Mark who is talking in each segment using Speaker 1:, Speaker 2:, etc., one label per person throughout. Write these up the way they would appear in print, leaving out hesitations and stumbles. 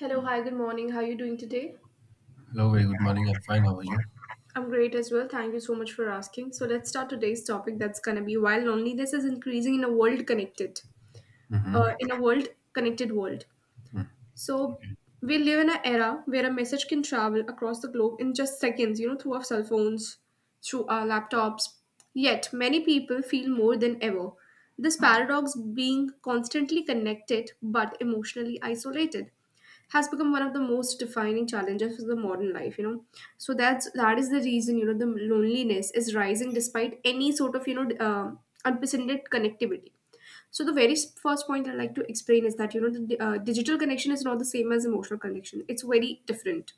Speaker 1: Hello, hi, good morning. How are you doing today?
Speaker 2: Hello, very good morning. I'm fine. How are you?
Speaker 1: I'm great as well. Thank you so much for asking. So, let's start today's topic that's going to be why loneliness is increasing in a world connected,
Speaker 2: Mm-hmm.
Speaker 1: in a world connected world. So we live in an era where a message can travel across the globe in just seconds, through our cell phones, through our laptops. Yet many people feel more than ever. This paradox being constantly connected but emotionally isolated has become one of the most defining challenges of the modern life. So that is the reason. The loneliness is rising despite any sort of unprecedented connectivity. So the very first point I like to explain is that the digital connection is not the same as emotional connection. It's very different.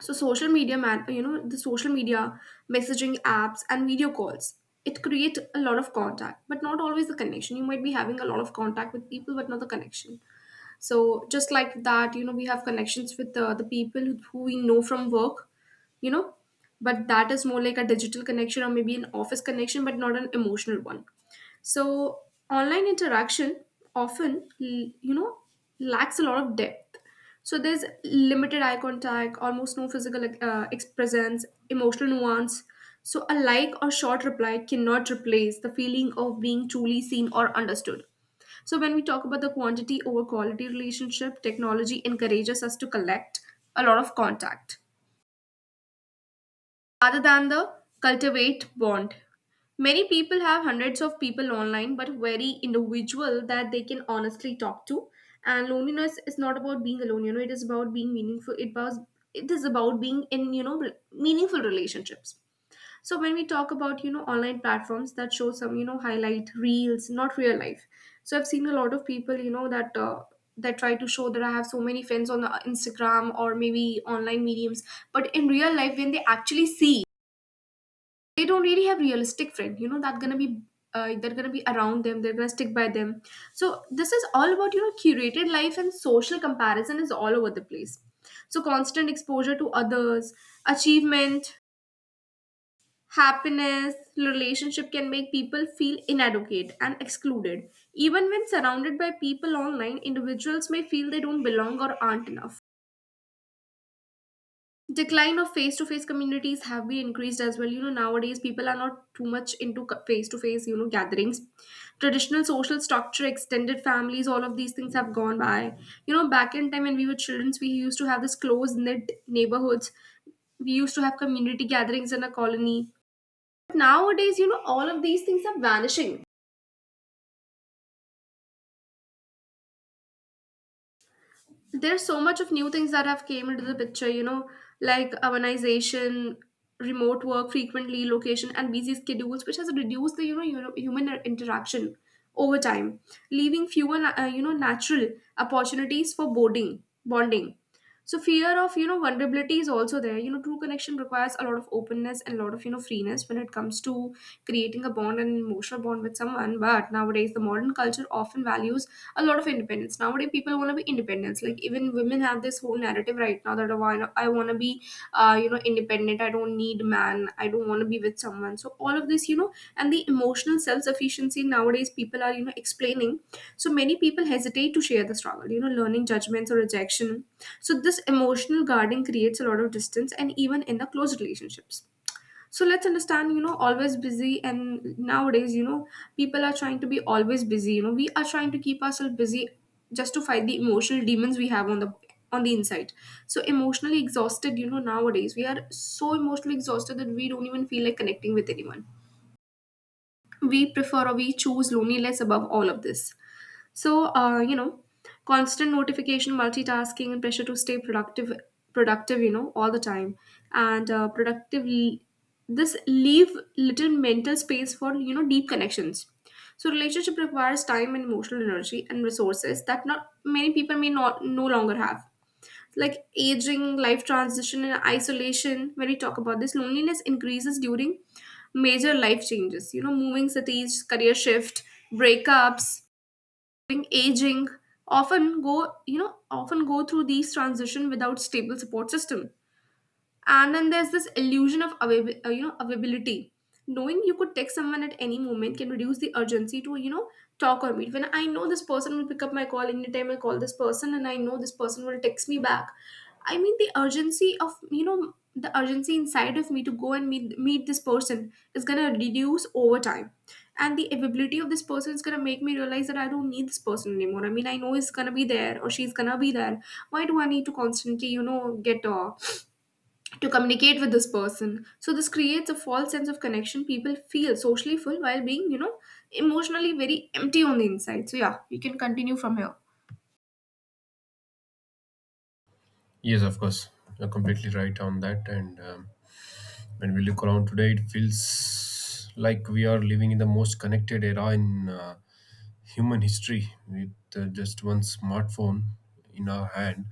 Speaker 1: So social media, man, you know the social media messaging apps and video calls. It create a lot of contact, but not always the connection. You might be having a lot of contact with people, but not the connection. So just like that, we have connections with the people who we know from work, you know, but that is more like a digital connection or maybe an office connection, but not an emotional one. So online interaction often l- you know lacks a lot of depth. So there's limited eye contact, almost no physical presence, emotional nuance. So a like or short reply cannot replace the feeling of being truly seen or understood. So when we talk about the quantity over quality relationship, technology encourages us to collect a lot of contact rather than the cultivate bond. Many people have hundreds of people online, but very individual that they can honestly talk to. And loneliness is not about being alone. It is about being meaningful. It is about being in, meaningful relationships. So when we talk about, online platforms that show some, highlight reels, not real life. So I've seen a lot of people, that that try to show that I have so many friends on Instagram or maybe online mediums. But in real life, when they actually see, they don't really have realistic friend, you know that gonna be they're gonna be around them, they're gonna stick by them. So this is all about, curated life, and social comparison is all over the place. So constant exposure to others, achievement, happiness, relationship can make people feel inadequate and excluded. Even when surrounded by people online, individuals may feel they don't belong or aren't enough. Decline of face-to-face communities have been increased as well. Nowadays, people are not too much into face-to-face, gatherings. Traditional social structure, extended families, all of these things have gone by. Back in time, when we were children, we used to have this close knit neighborhoods. We used to have community gatherings in a colony. Nowadays, all of these things are vanishing. There's so much of new things that have came into the picture, like urbanization, remote work, frequently location, and busy schedules, which has reduced the, human interaction over time, leaving fewer natural opportunities for boarding bonding. So fear of, vulnerability is also there. True connection requires a lot of openness and a lot of, freeness, when it comes to creating a bond and an emotional bond with someone. But nowadays, the modern culture often values a lot of independence. Nowadays, people want to be independence. Like, even women have this whole narrative right now that, "Oh, I want to be, independent. I don't need man. I don't want to be with someone." So all of this, and the emotional self sufficiency nowadays, people are, explaining. So many people hesitate to share the struggle. Learning judgments or rejection. So this emotional guarding creates a lot of distance, and even in the close relationships. So let's understand, always busy, and nowadays, people are trying to be always busy, we are trying to keep ourselves busy just to fight the emotional demons we have on the, on the inside. So emotionally exhausted, nowadays we are so emotionally exhausted that we don't even feel like connecting with anyone. We prefer or we choose loneliness above all of this. So, constant notification, multitasking, and pressure to stay productive, all the time, and productive. This leave little mental space for, deep connections. So, relationship requires time and emotional energy and resources that not many people may not no longer have. Like aging, life transition, and isolation. When we talk about this, loneliness increases during major life changes. Moving cities, career shift, breakups, during aging often go through these transition without stable support system. And then there's this illusion of availability. Knowing you could text someone at any moment can reduce the urgency to, talk or meet. When I know this person will pick up my call anytime I call this person, and I know this person will text me back, I mean, the urgency inside of me to go and meet this person is going to reduce over time. And the availability of this person is going to make me realize that I don't need this person anymore. I mean, I know he's going to be there or she's going to be there. Why do I need to constantly, you know get to communicate with this person? So this creates a false sense of connection. People feel socially full while being, emotionally very empty on the inside. So yeah, you can continue from here.
Speaker 2: Yes, of course. You're completely right on that. And when we look around today, it feels like we are living in the most connected era in human history with just one smartphone in our hand.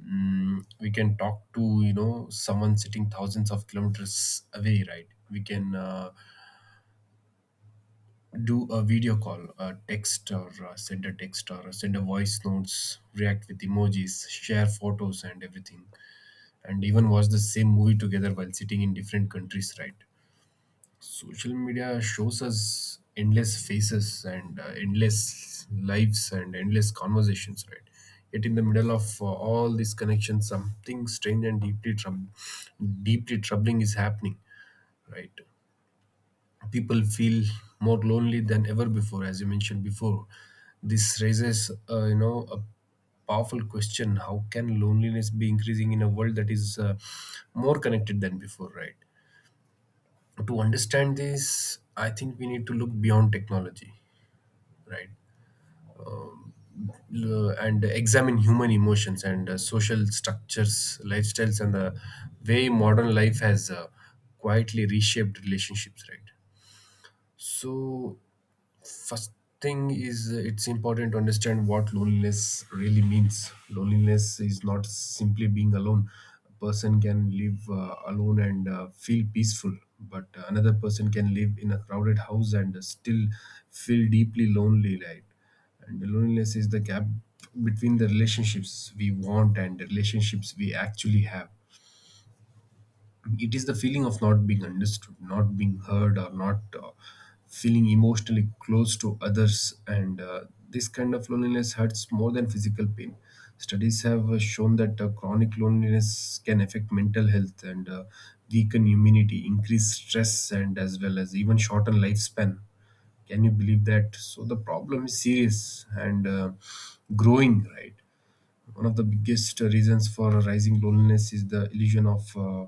Speaker 2: We can talk to, you know, someone sitting thousands of kilometers away, right? We can do a video call, a text, or send a text, or send a voice notes, react with emojis, share photos, and everything, and even watch the same movie together while sitting in different countries, right? Social media shows us endless faces and endless lives and endless conversations, right? Yet in the middle of all these connections, something strange and deeply troubling is happening, right? People feel more lonely than ever before, as you mentioned before. This raises a powerful question: how can loneliness be increasing in a world that is more connected than before, right? To understand this, I think we need to look beyond technology, right? And examine human emotions and social structures, lifestyles, and the way modern life has quietly reshaped relationships, right? So, first thing is it's important to understand what loneliness really means. Loneliness is not simply being alone. A person can live alone and feel peaceful, but another person can live in a crowded house and still feel deeply lonely, right? And loneliness is the gap between the relationships we want and the relationships we actually have. It is the feeling of not being understood, not being heard, or not feeling emotionally close to others. And this kind of loneliness hurts more than physical pain. Studies have shown that chronic loneliness can affect mental health and weaken immunity, increase stress, and as well as even shorten lifespan. Can you believe that? So the problem is serious and growing, right? One of the biggest reasons for rising loneliness is the illusion of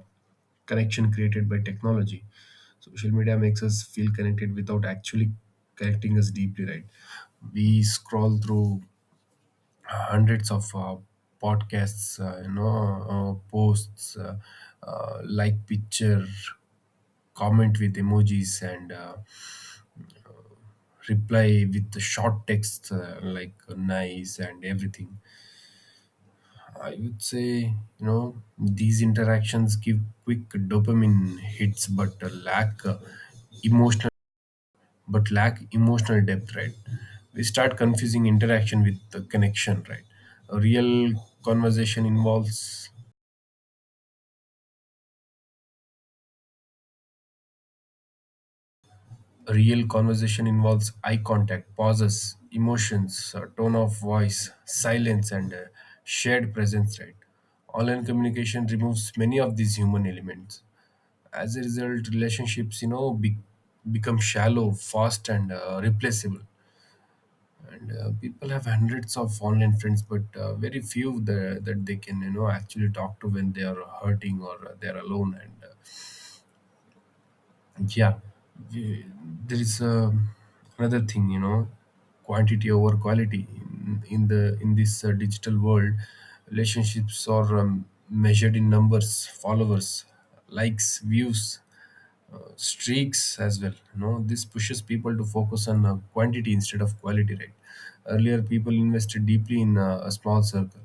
Speaker 2: connection created by technology. Social media makes us feel connected without actually connecting us deeply, right? We scroll through hundreds of podcasts, posts, like picture, comment with emojis, and reply with the short text like nice and everything, I would say. You know, these interactions give quick dopamine hits, but emotional, lack emotional depth, right? We start confusing interaction with the connection, right? A real conversation involves a real conversation involves eye contact, pauses, emotions, tone of voice, silence, and shared presence, right? Online communication removes many of these human elements. As a result, relationships, you know, become shallow fast and replaceable. And people have hundreds of online friends, but very few, that they can, you know, actually talk to when they are hurting or they are alone. And yeah we- there is another thing, you know, quantity over quality in this digital world. Relationships are measured in numbers: followers, likes, views, streaks as well, you know. This pushes people to focus on quantity instead of quality, right? Earlier, people invested deeply in a small circle: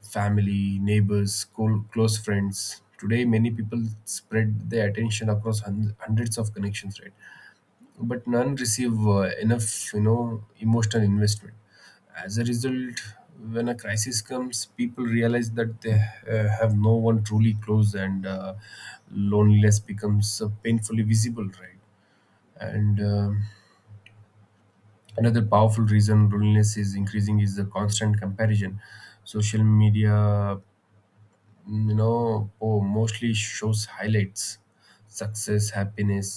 Speaker 2: family, neighbors, school, close friends. Today many people spread their attention across hundreds of connections, right? But none receive enough, you know, emotional investment. As a result, when a crisis comes, people realize that they have no one truly close, and loneliness becomes painfully visible, right? And another powerful reason loneliness is increasing is the constant comparison. Social media, you know, mostly shows highlights: success, happiness,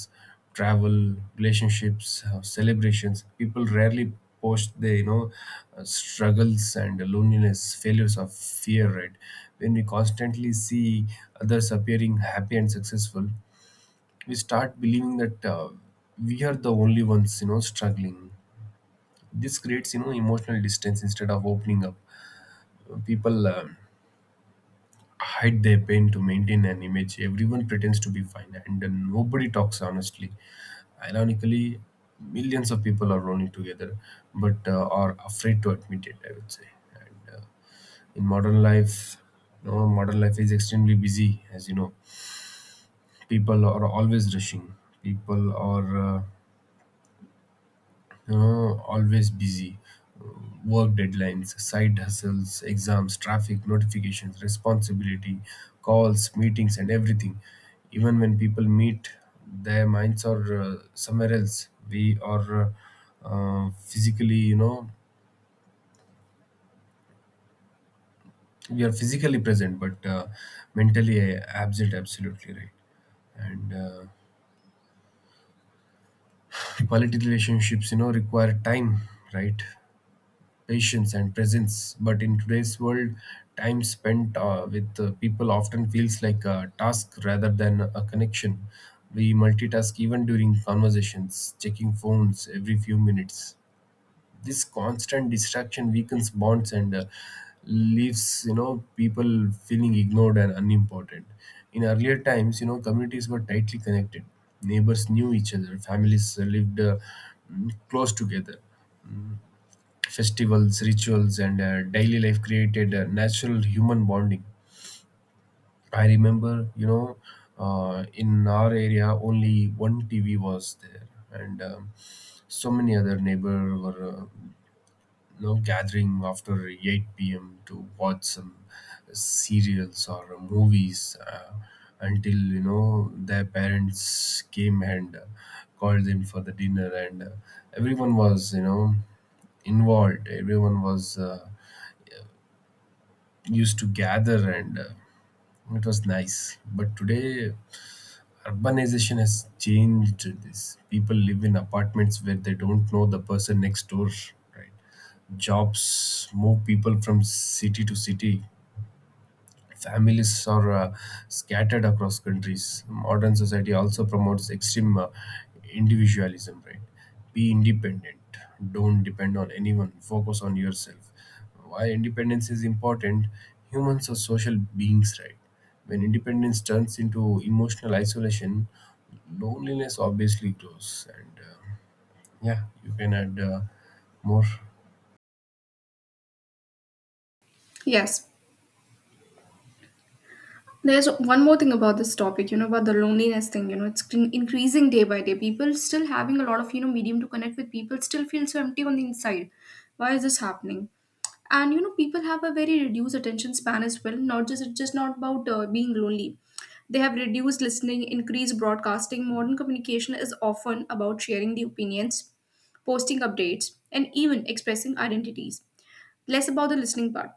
Speaker 2: travel, relationships, celebrations. People rarely post their, you know, struggles and loneliness, failures of fear, right? When we constantly see others appearing happy and successful, we start believing that we are the only ones, you know, struggling. This creates, you know, emotional distance. Instead of opening up, people hide their pain to maintain an image. Everyone pretends to be fine, and nobody talks honestly. Ironically, millions of people are running together, but are afraid to admit it, I would say. And in modern life, you know, modern life is extremely busy, as you know. People are always rushing. People are always busy. Uh, Work deadlines, side hustles, exams, traffic, notifications, responsibility, calls, meetings, and everything. Even when people meet, their minds are somewhere else. Uh, uh, physically, you know, we are physically present, but mentally absent. Absolutely right. And quality relationships, you know, require time, right? Patience and presence. But in today's world, time spent with people often feels like a task rather than a connection. We multitask even during conversations, checking phones every few minutes. This constant distraction weakens bonds and leaves, you know, people feeling ignored and unimportant. In earlier times, you know, communities were tightly connected. Neighbors knew each other. Families lived close together. Festivals, rituals, and daily life created a natural human bonding. I remember, you know, in our area, only one TV was there, and so many other neighbor were, you know, gathering after 8 p.m. to watch some serials or movies until, you know, their parents came and called them for the dinner, and everyone was, you know, involved. Everyone was. Used to gather, and it was nice. But today urbanization has changed this. People live in apartments where they don't know the person next door, right? Jobs move people from city to city. Families are scattered across countries. Modern society also promotes extreme individualism, right? Be independent. Don't depend on anyone. Focus on yourself. While independence is important, humans are social beings, right? When independence turns into emotional isolation, loneliness obviously grows. And yeah, you can add more.
Speaker 1: Yes. There's one more thing about this topic, about the loneliness thing. It's increasing day by day. People still having a lot of, medium to connect with people still feel so empty on the inside. Why is this happening? And, people have a very reduced attention span as well. Not just It's just not about being lonely. They have reduced listening, increased broadcasting. Modern communication is often about sharing the opinions, posting updates, and even expressing identities. Less about the listening part.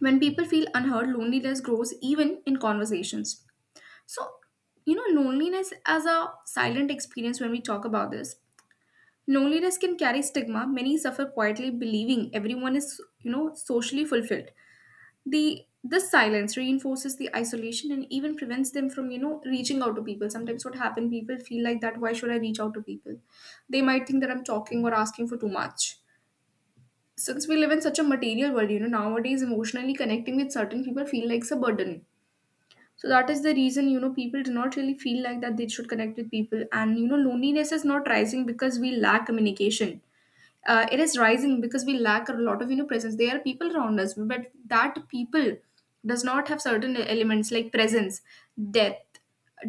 Speaker 1: When people feel unheard, loneliness grows even in conversations. So, loneliness as a silent experience when we talk about this. Loneliness can carry stigma. Many suffer quietly, believing everyone is, socially fulfilled. The this silence reinforces the isolation and even prevents them from, reaching out to people. Sometimes what happen, people feel like that, why should I reach out to people? They might think that I'm talking or asking for too much, since we live in such a material world, nowadays emotionally connecting with certain people feel like a burden. So that is the reason, people do not really feel like that they should connect with people. And, loneliness is not rising because we lack communication. It is rising because we lack a lot of, presence. There are people around us, but that people does not have certain elements like presence, depth,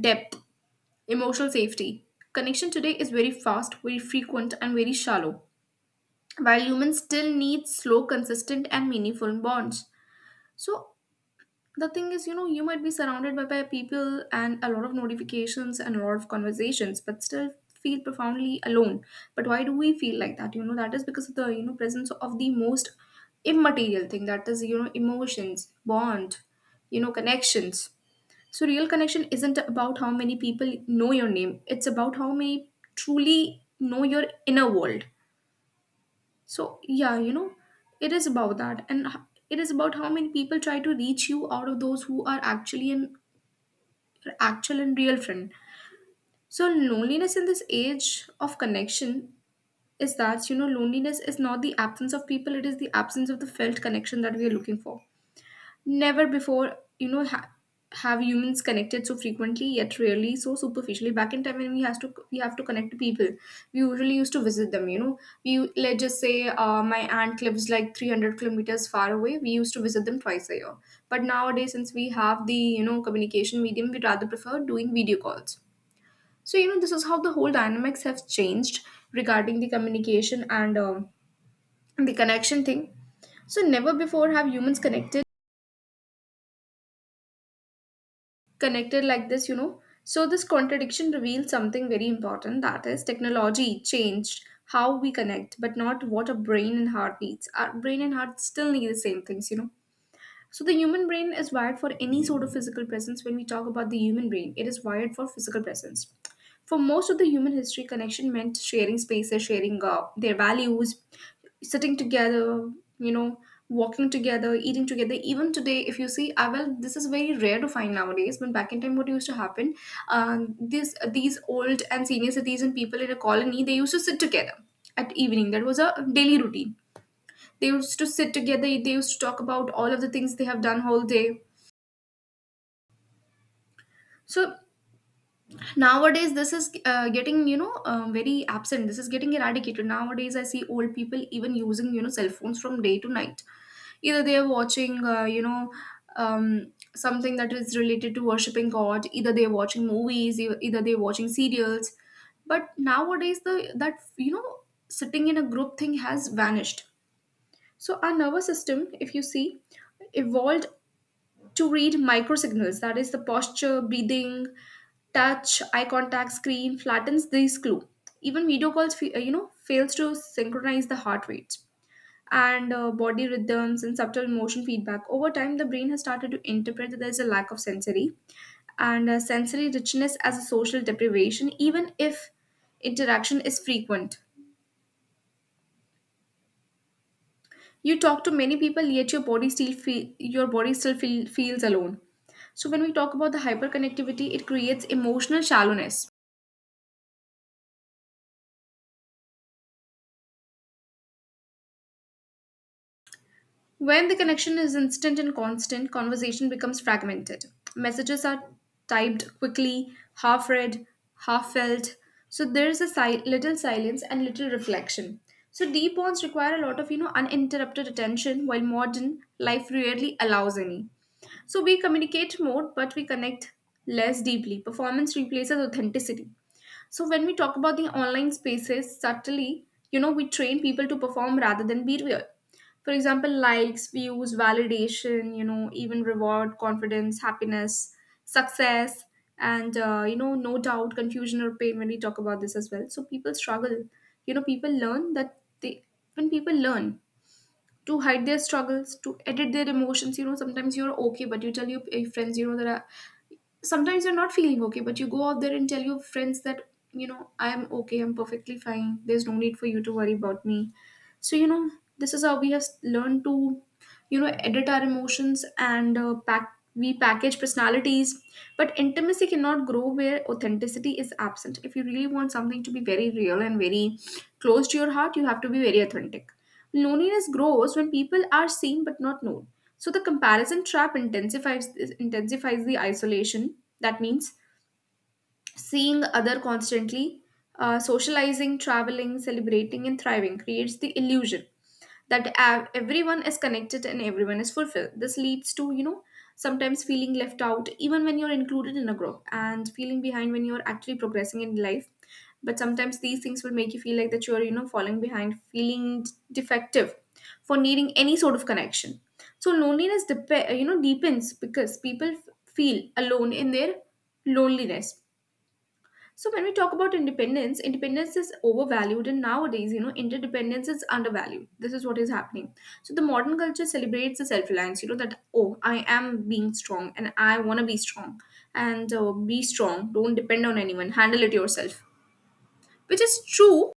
Speaker 1: depth, emotional safety. Connection today is very fast, very frequent, and very shallow, while humans still need slow, consistent, and meaningful bonds. So, the thing is, you might be surrounded by people, and a lot of notifications and a lot of conversations, but still feel profoundly alone. But why do we feel like that? That is because of the, presence of the most immaterial thing, that is, emotions bond, connections. So real connection isn't about how many people know your name, it's about how many truly know your inner world. So, yeah, it is about that. And it is about how many people try to reach you out of those who are actually an your actual and real friend. So, loneliness in this age of connection is that, loneliness is not the absence of people, it is the absence of the felt connection that we are looking for. Never before, have humans connected so frequently, yet rarely so superficially. Back in time, when we have to connect to people, we usually used to visit them. You know, we let's just say my aunt lives like 300 kilometers far away. We used to visit them twice a year. But nowadays, since we have the communication medium, we rather prefer doing video calls. So, this is how the whole dynamics have changed regarding the communication and the connection thing. So never before have humans connected like this, you know. So this contradiction reveals something very important, that is, technology changed how we connect, but not what a brain and heart needs. Our brain and heart still need the same things, you know. So the human brain is wired for any sort of physical presence. When we talk about the human brain, it is wired for physical presence. For most of the human history, connection meant sharing spaces, sharing their values, sitting together, you know, walking together, eating together. Even today, if you see, ah, well, this is very rare to find nowadays. But back in time, what used to happen, this these old and senior citizen people in a colony, they used to sit together at evening. That was a daily routine. They used to sit together, they used to talk about all of the things they have done whole day. So nowadays, this is getting very absent. This is getting eradicated. Nowadays, I see old people even using cell phones from day to night. Either they are watching something that is related to worshiping God. Either they are watching movies. Either they are watching serials. But nowadays, the that you know sitting in a group thing has vanished. So our nervous system, if you see, evolved to read micro signals, that is the posture, breathing, touch, eye contact. Screen flattens these clue. Even video calls fails to synchronize the heart rate and body rhythms and subtle motion feedback. Over time the brain has started to interpret that there's a lack of sensory and sensory richness as a social deprivation, even if interaction is frequent. You talk to many people, yet your body still feel, your body still feel, feels alone. So when we talk about the hyperconnectivity, it creates emotional shallowness. When the connection is instant and constant, conversation becomes fragmented. Messages are typed quickly, half read, half felt. So there is a little silence and little reflection. So deep bonds require a lot of uninterrupted attention, while modern life rarely allows any. So we communicate more, but we connect less deeply. Performance replaces authenticity. So when we talk about the online spaces, subtly, you know, we train people to perform rather than be real. For example, likes, views, validation, you know, even reward, confidence, happiness, success, and, you know, no doubt, confusion or pain when we talk about this as well. So people struggle. You know, people learn that they, when people learn, to hide their struggles, to edit their emotions. You know, sometimes you're okay, but you tell your friends, you know, that I, sometimes you're not feeling okay, but you go out there and tell your friends that, you know, I'm okay, I'm perfectly fine. There's no need for you to worry about me. So, you know, this is how we have learned to, you know, edit our emotions and pack. We package personalities, but intimacy cannot grow where authenticity is absent. If you really want something to be very real and very close to your heart, you have to be very authentic. Loneliness grows when people are seen but not known. So the comparison trap intensifies the isolation. That means seeing other constantly, socializing, traveling, celebrating, and thriving creates the illusion that everyone is connected and everyone is fulfilled. This leads to, you know, sometimes feeling left out even when you're included in a group, and feeling behind when you're actually progressing in life. But sometimes these things will make you feel like that you're, you know, falling behind, feeling defective for needing any sort of connection. So loneliness deepens because people feel alone in their loneliness. So when we talk about independence, independence is overvalued, and nowadays, you know, interdependence is undervalued. This is what is happening. So the modern culture celebrates the self-reliance. You know that, oh, I am being strong, and I want to be strong, and be strong. Don't depend on anyone. Handle it yourself, which is true,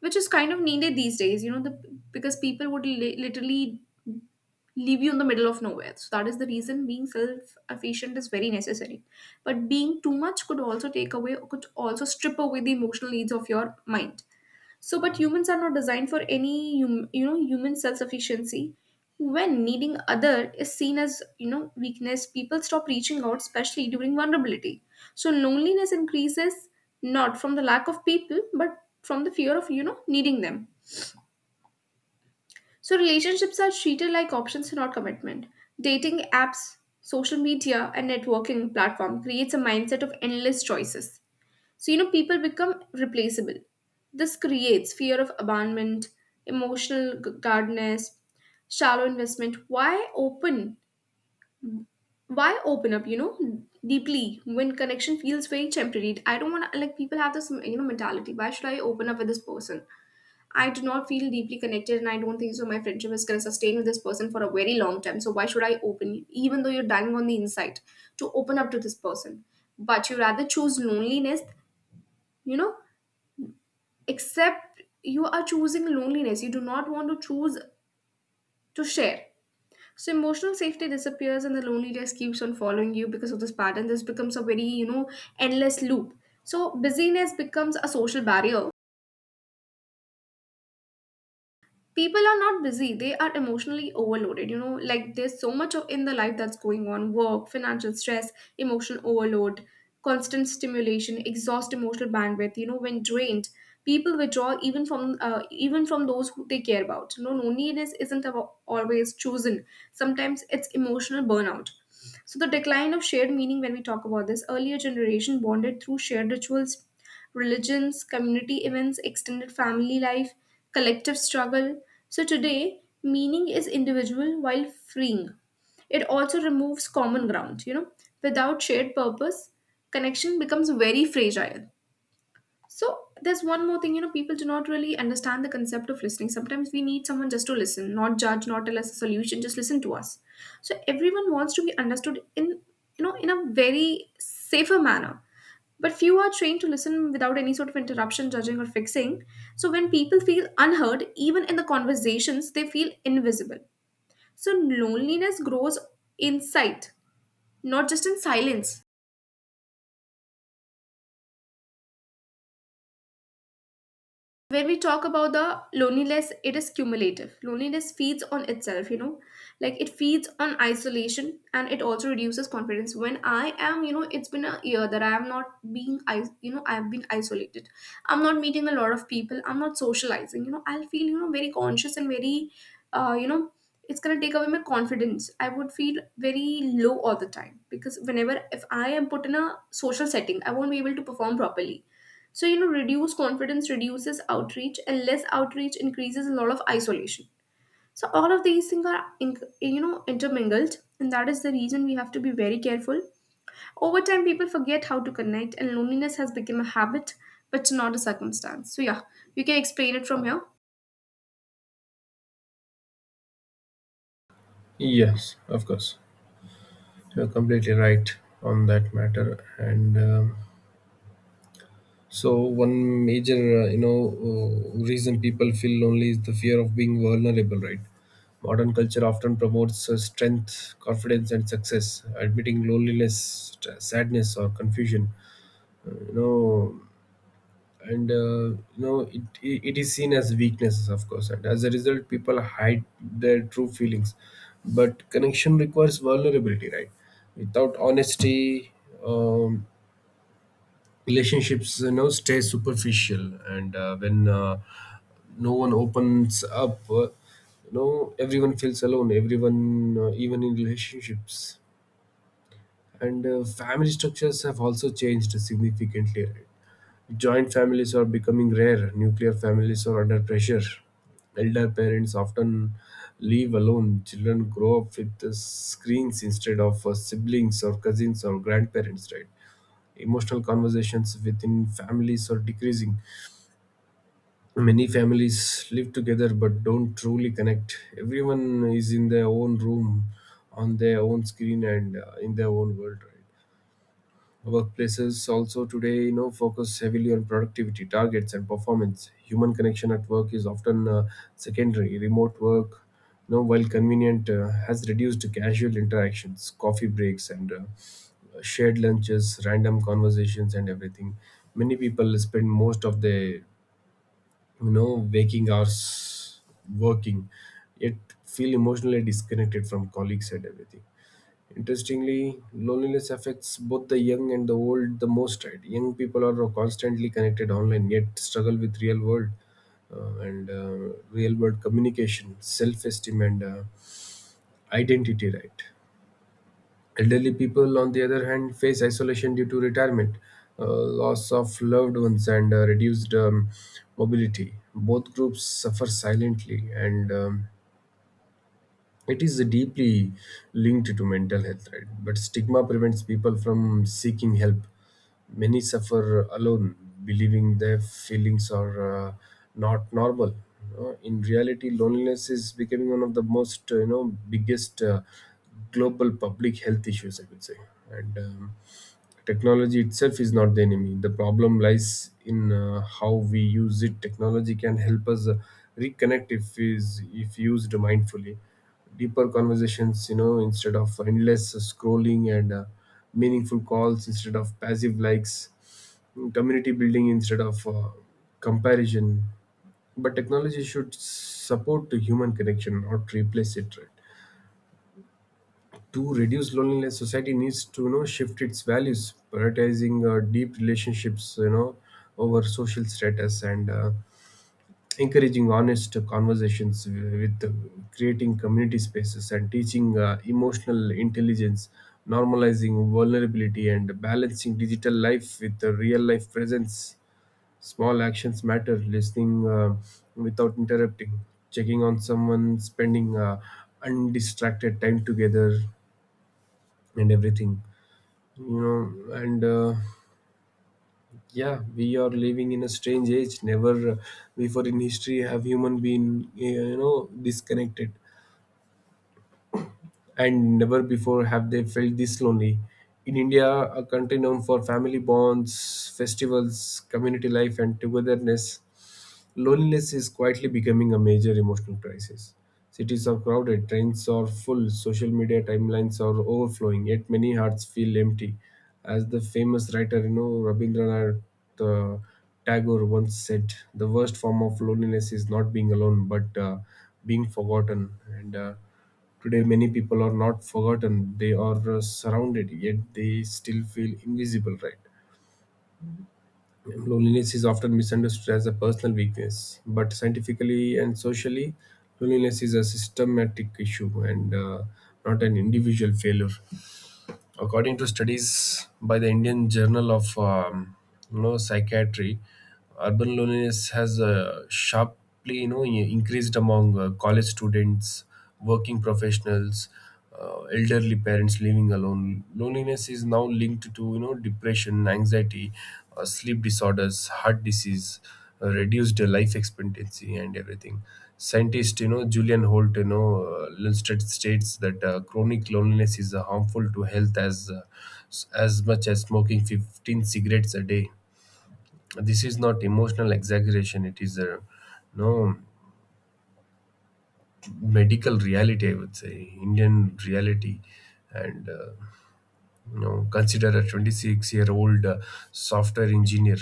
Speaker 1: which is kind of needed these days. You know, the because people would literally leave you in the middle of nowhere. So that is the reason being self-efficient is very necessary. But being too much could also take away, could also strip away the emotional needs of your mind. So, but humans are not designed for any, human self-sufficiency. When needing other is seen as, you know, weakness, people stop reaching out, especially during vulnerability. So loneliness increases not from the lack of people, but from the fear of, you know, needing them. So relationships are treated like options, not commitment. Dating apps, social media, and networking platform creates a mindset of endless choices. So you know people become replaceable. This creates fear of abandonment, emotional guardedness, shallow investment. Why open? Why open up? You know, deeply, when connection feels very temporary. I don't want to like people have this, you know, mentality. Why should I open up with this person? I do not feel deeply connected, and I don't think so my friendship is going to sustain with this person for a very long time. So why should I open, even though you're dying on the inside, to open up to this person? But you rather choose loneliness, you know, except you are choosing loneliness. You do not want to choose to share. So emotional safety disappears, and the loneliness keeps on following you because of this pattern. This becomes a very, you know, endless loop. So busyness becomes a social barrier. People are not busy, they are emotionally overloaded, you know, like there's so much of in the life that's going on: work, financial stress, emotional overload, constant stimulation exhaust emotional bandwidth. You know, when drained, people withdraw even from those who they care about. You know, loneliness isn't always chosen. Sometimes it's emotional burnout. So the decline of shared meaning, when we talk about this, earlier generation bonded through shared rituals, religions, community events, extended family life, collective struggle. So today, meaning is individual. While freeing, it also removes common ground, you know. Without shared purpose, connection becomes very fragile. So there's one more thing, you know, people do not really understand the concept of listening. Sometimes we need someone just to listen, not judge, not tell us a solution, just listen to us. So everyone wants to be understood in, in a very safer manner. But few are trained to listen without any sort of interruption, judging, or fixing. So when people feel unheard, even in the conversations, they feel invisible. So loneliness grows in sight, not just in silence. When we talk about the loneliness, it is cumulative. Loneliness feeds on itself, you know, like it feeds on isolation, and it also reduces confidence. When I am, you know, it's been a year that I am not being, I, you know, I have been isolated, I'm not meeting a lot of people, I'm not socializing, you know, I'll feel, you know, very conscious and very uh, you know it's going to take away my confidence. I would feel very low all the time, because whenever, if I am put in a social setting, I won't be able to perform properly. So, you know, reduced confidence reduces outreach, and less outreach increases a lot of isolation. So all of these things are, in, you know, intermingled, and that is the reason we have to be very careful. Over time, people forget how to connect, and loneliness has become a habit, but not a circumstance. So, yeah, you can explain it from here.
Speaker 2: Yes, of course. You're completely right on that matter. And so one major, reason people feel lonely is the fear of being vulnerable, right? Modern culture often promotes strength, confidence, and success. Admitting loneliness, sadness, or confusion, you know, and you know, it is seen as weaknesses, of course. And as a result, people hide their true feelings. But connection requires vulnerability, right? Without honesty, um, relationships, you know, stay superficial. And when no one opens up, you know, everyone feels alone, everyone, even in relationships. And family structures have also changed significantly. Joint families are becoming rare. Nuclear families are under pressure. Elder parents often leave alone. Children grow up with screens instead of siblings or cousins or grandparents, right? Emotional conversations within families are decreasing. Many families live together but don't truly connect. Everyone is in their own room, on their own screen, and in their own world, right? Workplaces also today, you know, focus heavily on productivity targets and performance. Human connection at work is often secondary. Remote work, you know, while convenient, has reduced casual interactions, coffee breaks, and shared lunches, random conversations, and everything. Many people spend most of their, you know, waking hours working, yet feel emotionally disconnected from colleagues and everything. Interestingly, loneliness affects both the young and the old the most. Right, young people are constantly connected online, yet struggle with real world communication, self esteem, and identity, right? Elderly people, on the other hand, face isolation due to retirement, loss of loved ones, and reduced mobility. Both groups suffer silently, and it is deeply linked to mental health, right? But stigma prevents people from seeking help. Many suffer alone, believing their feelings are not normal, you know. In reality, loneliness is becoming one of the most, you know, biggest global public health issues, I would say. And technology itself is not the enemy. The problem lies in how we use it. Technology can help us reconnect if is if used mindfully. Deeper conversations, you know, instead of endless scrolling, and meaningful calls instead of passive likes, community building instead of comparison. But technology should support the human connection, not replace it, right? To reduce loneliness, society needs to, you know, shift its values, prioritizing deep relationships, you know, over social status, and encouraging honest conversations, with creating community spaces, and teaching emotional intelligence, normalizing vulnerability, and balancing digital life with the real life presence. Small actions matter: listening without interrupting, checking on someone, spending undistracted time together, and everything, you know. And yeah, we are living in a strange age. Never before in history have human been, you know, disconnected, and never before have they felt this lonely. In India, a country known for family bonds, festivals, community life, and togetherness, loneliness is quietly becoming a major emotional crisis. Cities are crowded, trains are full, social media timelines are overflowing, yet many hearts feel empty. As the famous writer, you know, Rabindranath uh, Tagore once said, the worst form of loneliness is not being alone, but being forgotten. And today, many people are not forgotten; they are surrounded, yet they still feel invisible, right? Loneliness is often misunderstood as a personal weakness, but scientifically and socially, loneliness is a systematic issue and not an individual failure. According to studies by the Indian Journal of you know Psychiatry, urban loneliness has sharply, you know, increased among college students, working professionals, elderly parents living alone. Loneliness is now linked to, you know, depression, anxiety, sleep disorders, heart disease, reduced life expectancy, and everything. Scientist, you know, Julian Holt, you know, illustrated states that chronic loneliness is harmful to health as as much as smoking 15 cigarettes a day. This is not emotional exaggeration; it is a no medical reality. I would say Indian reality, and you know, consider a 26-year-old software engineer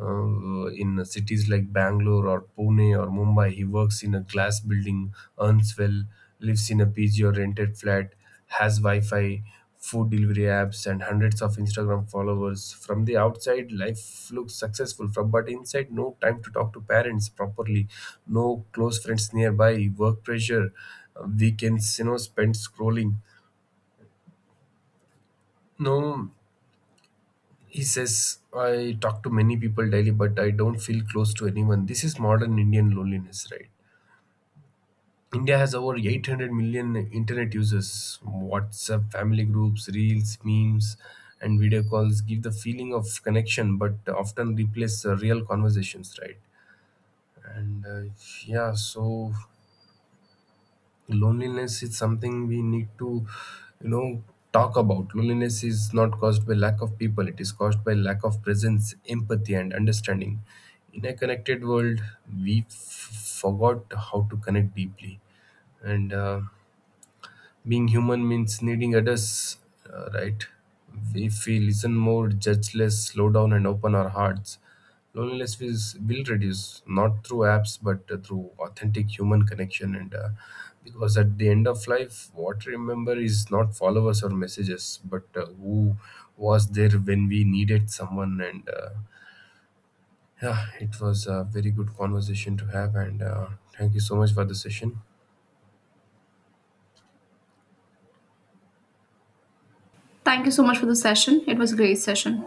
Speaker 2: in cities like Bangalore or Pune or Mumbai. He works in a glass building, earns well, lives in a PG or rented flat, has Wi Fi, food delivery apps, and hundreds of Instagram followers. From the outside, life looks successful, but inside, no time to talk to parents properly, no close friends nearby, work pressure, weekends, you know, spent scrolling. No He says, I talk to many people daily, but I don't feel close to anyone. This is modern Indian loneliness, right? India has over 800 million internet users. WhatsApp, family groups, reels, memes, and video calls give the feeling of connection, but often replace real conversations, right? And yeah, so loneliness is something we need to, you know, talk about. Loneliness is not caused by lack of people; it is caused by lack of presence, empathy, and understanding. In a connected world, we forgot how to connect deeply. And being human means needing others, right? If we listen more, judge less, slow down, and open our hearts, loneliness is, will reduce, not through apps, but through authentic human connection. And because at the end of life, what we remember is not followers or messages, but who was there when we needed someone. And yeah, it was a very good conversation to have. And thank you so much for the session.
Speaker 1: Thank you so much for the session. It was a great session.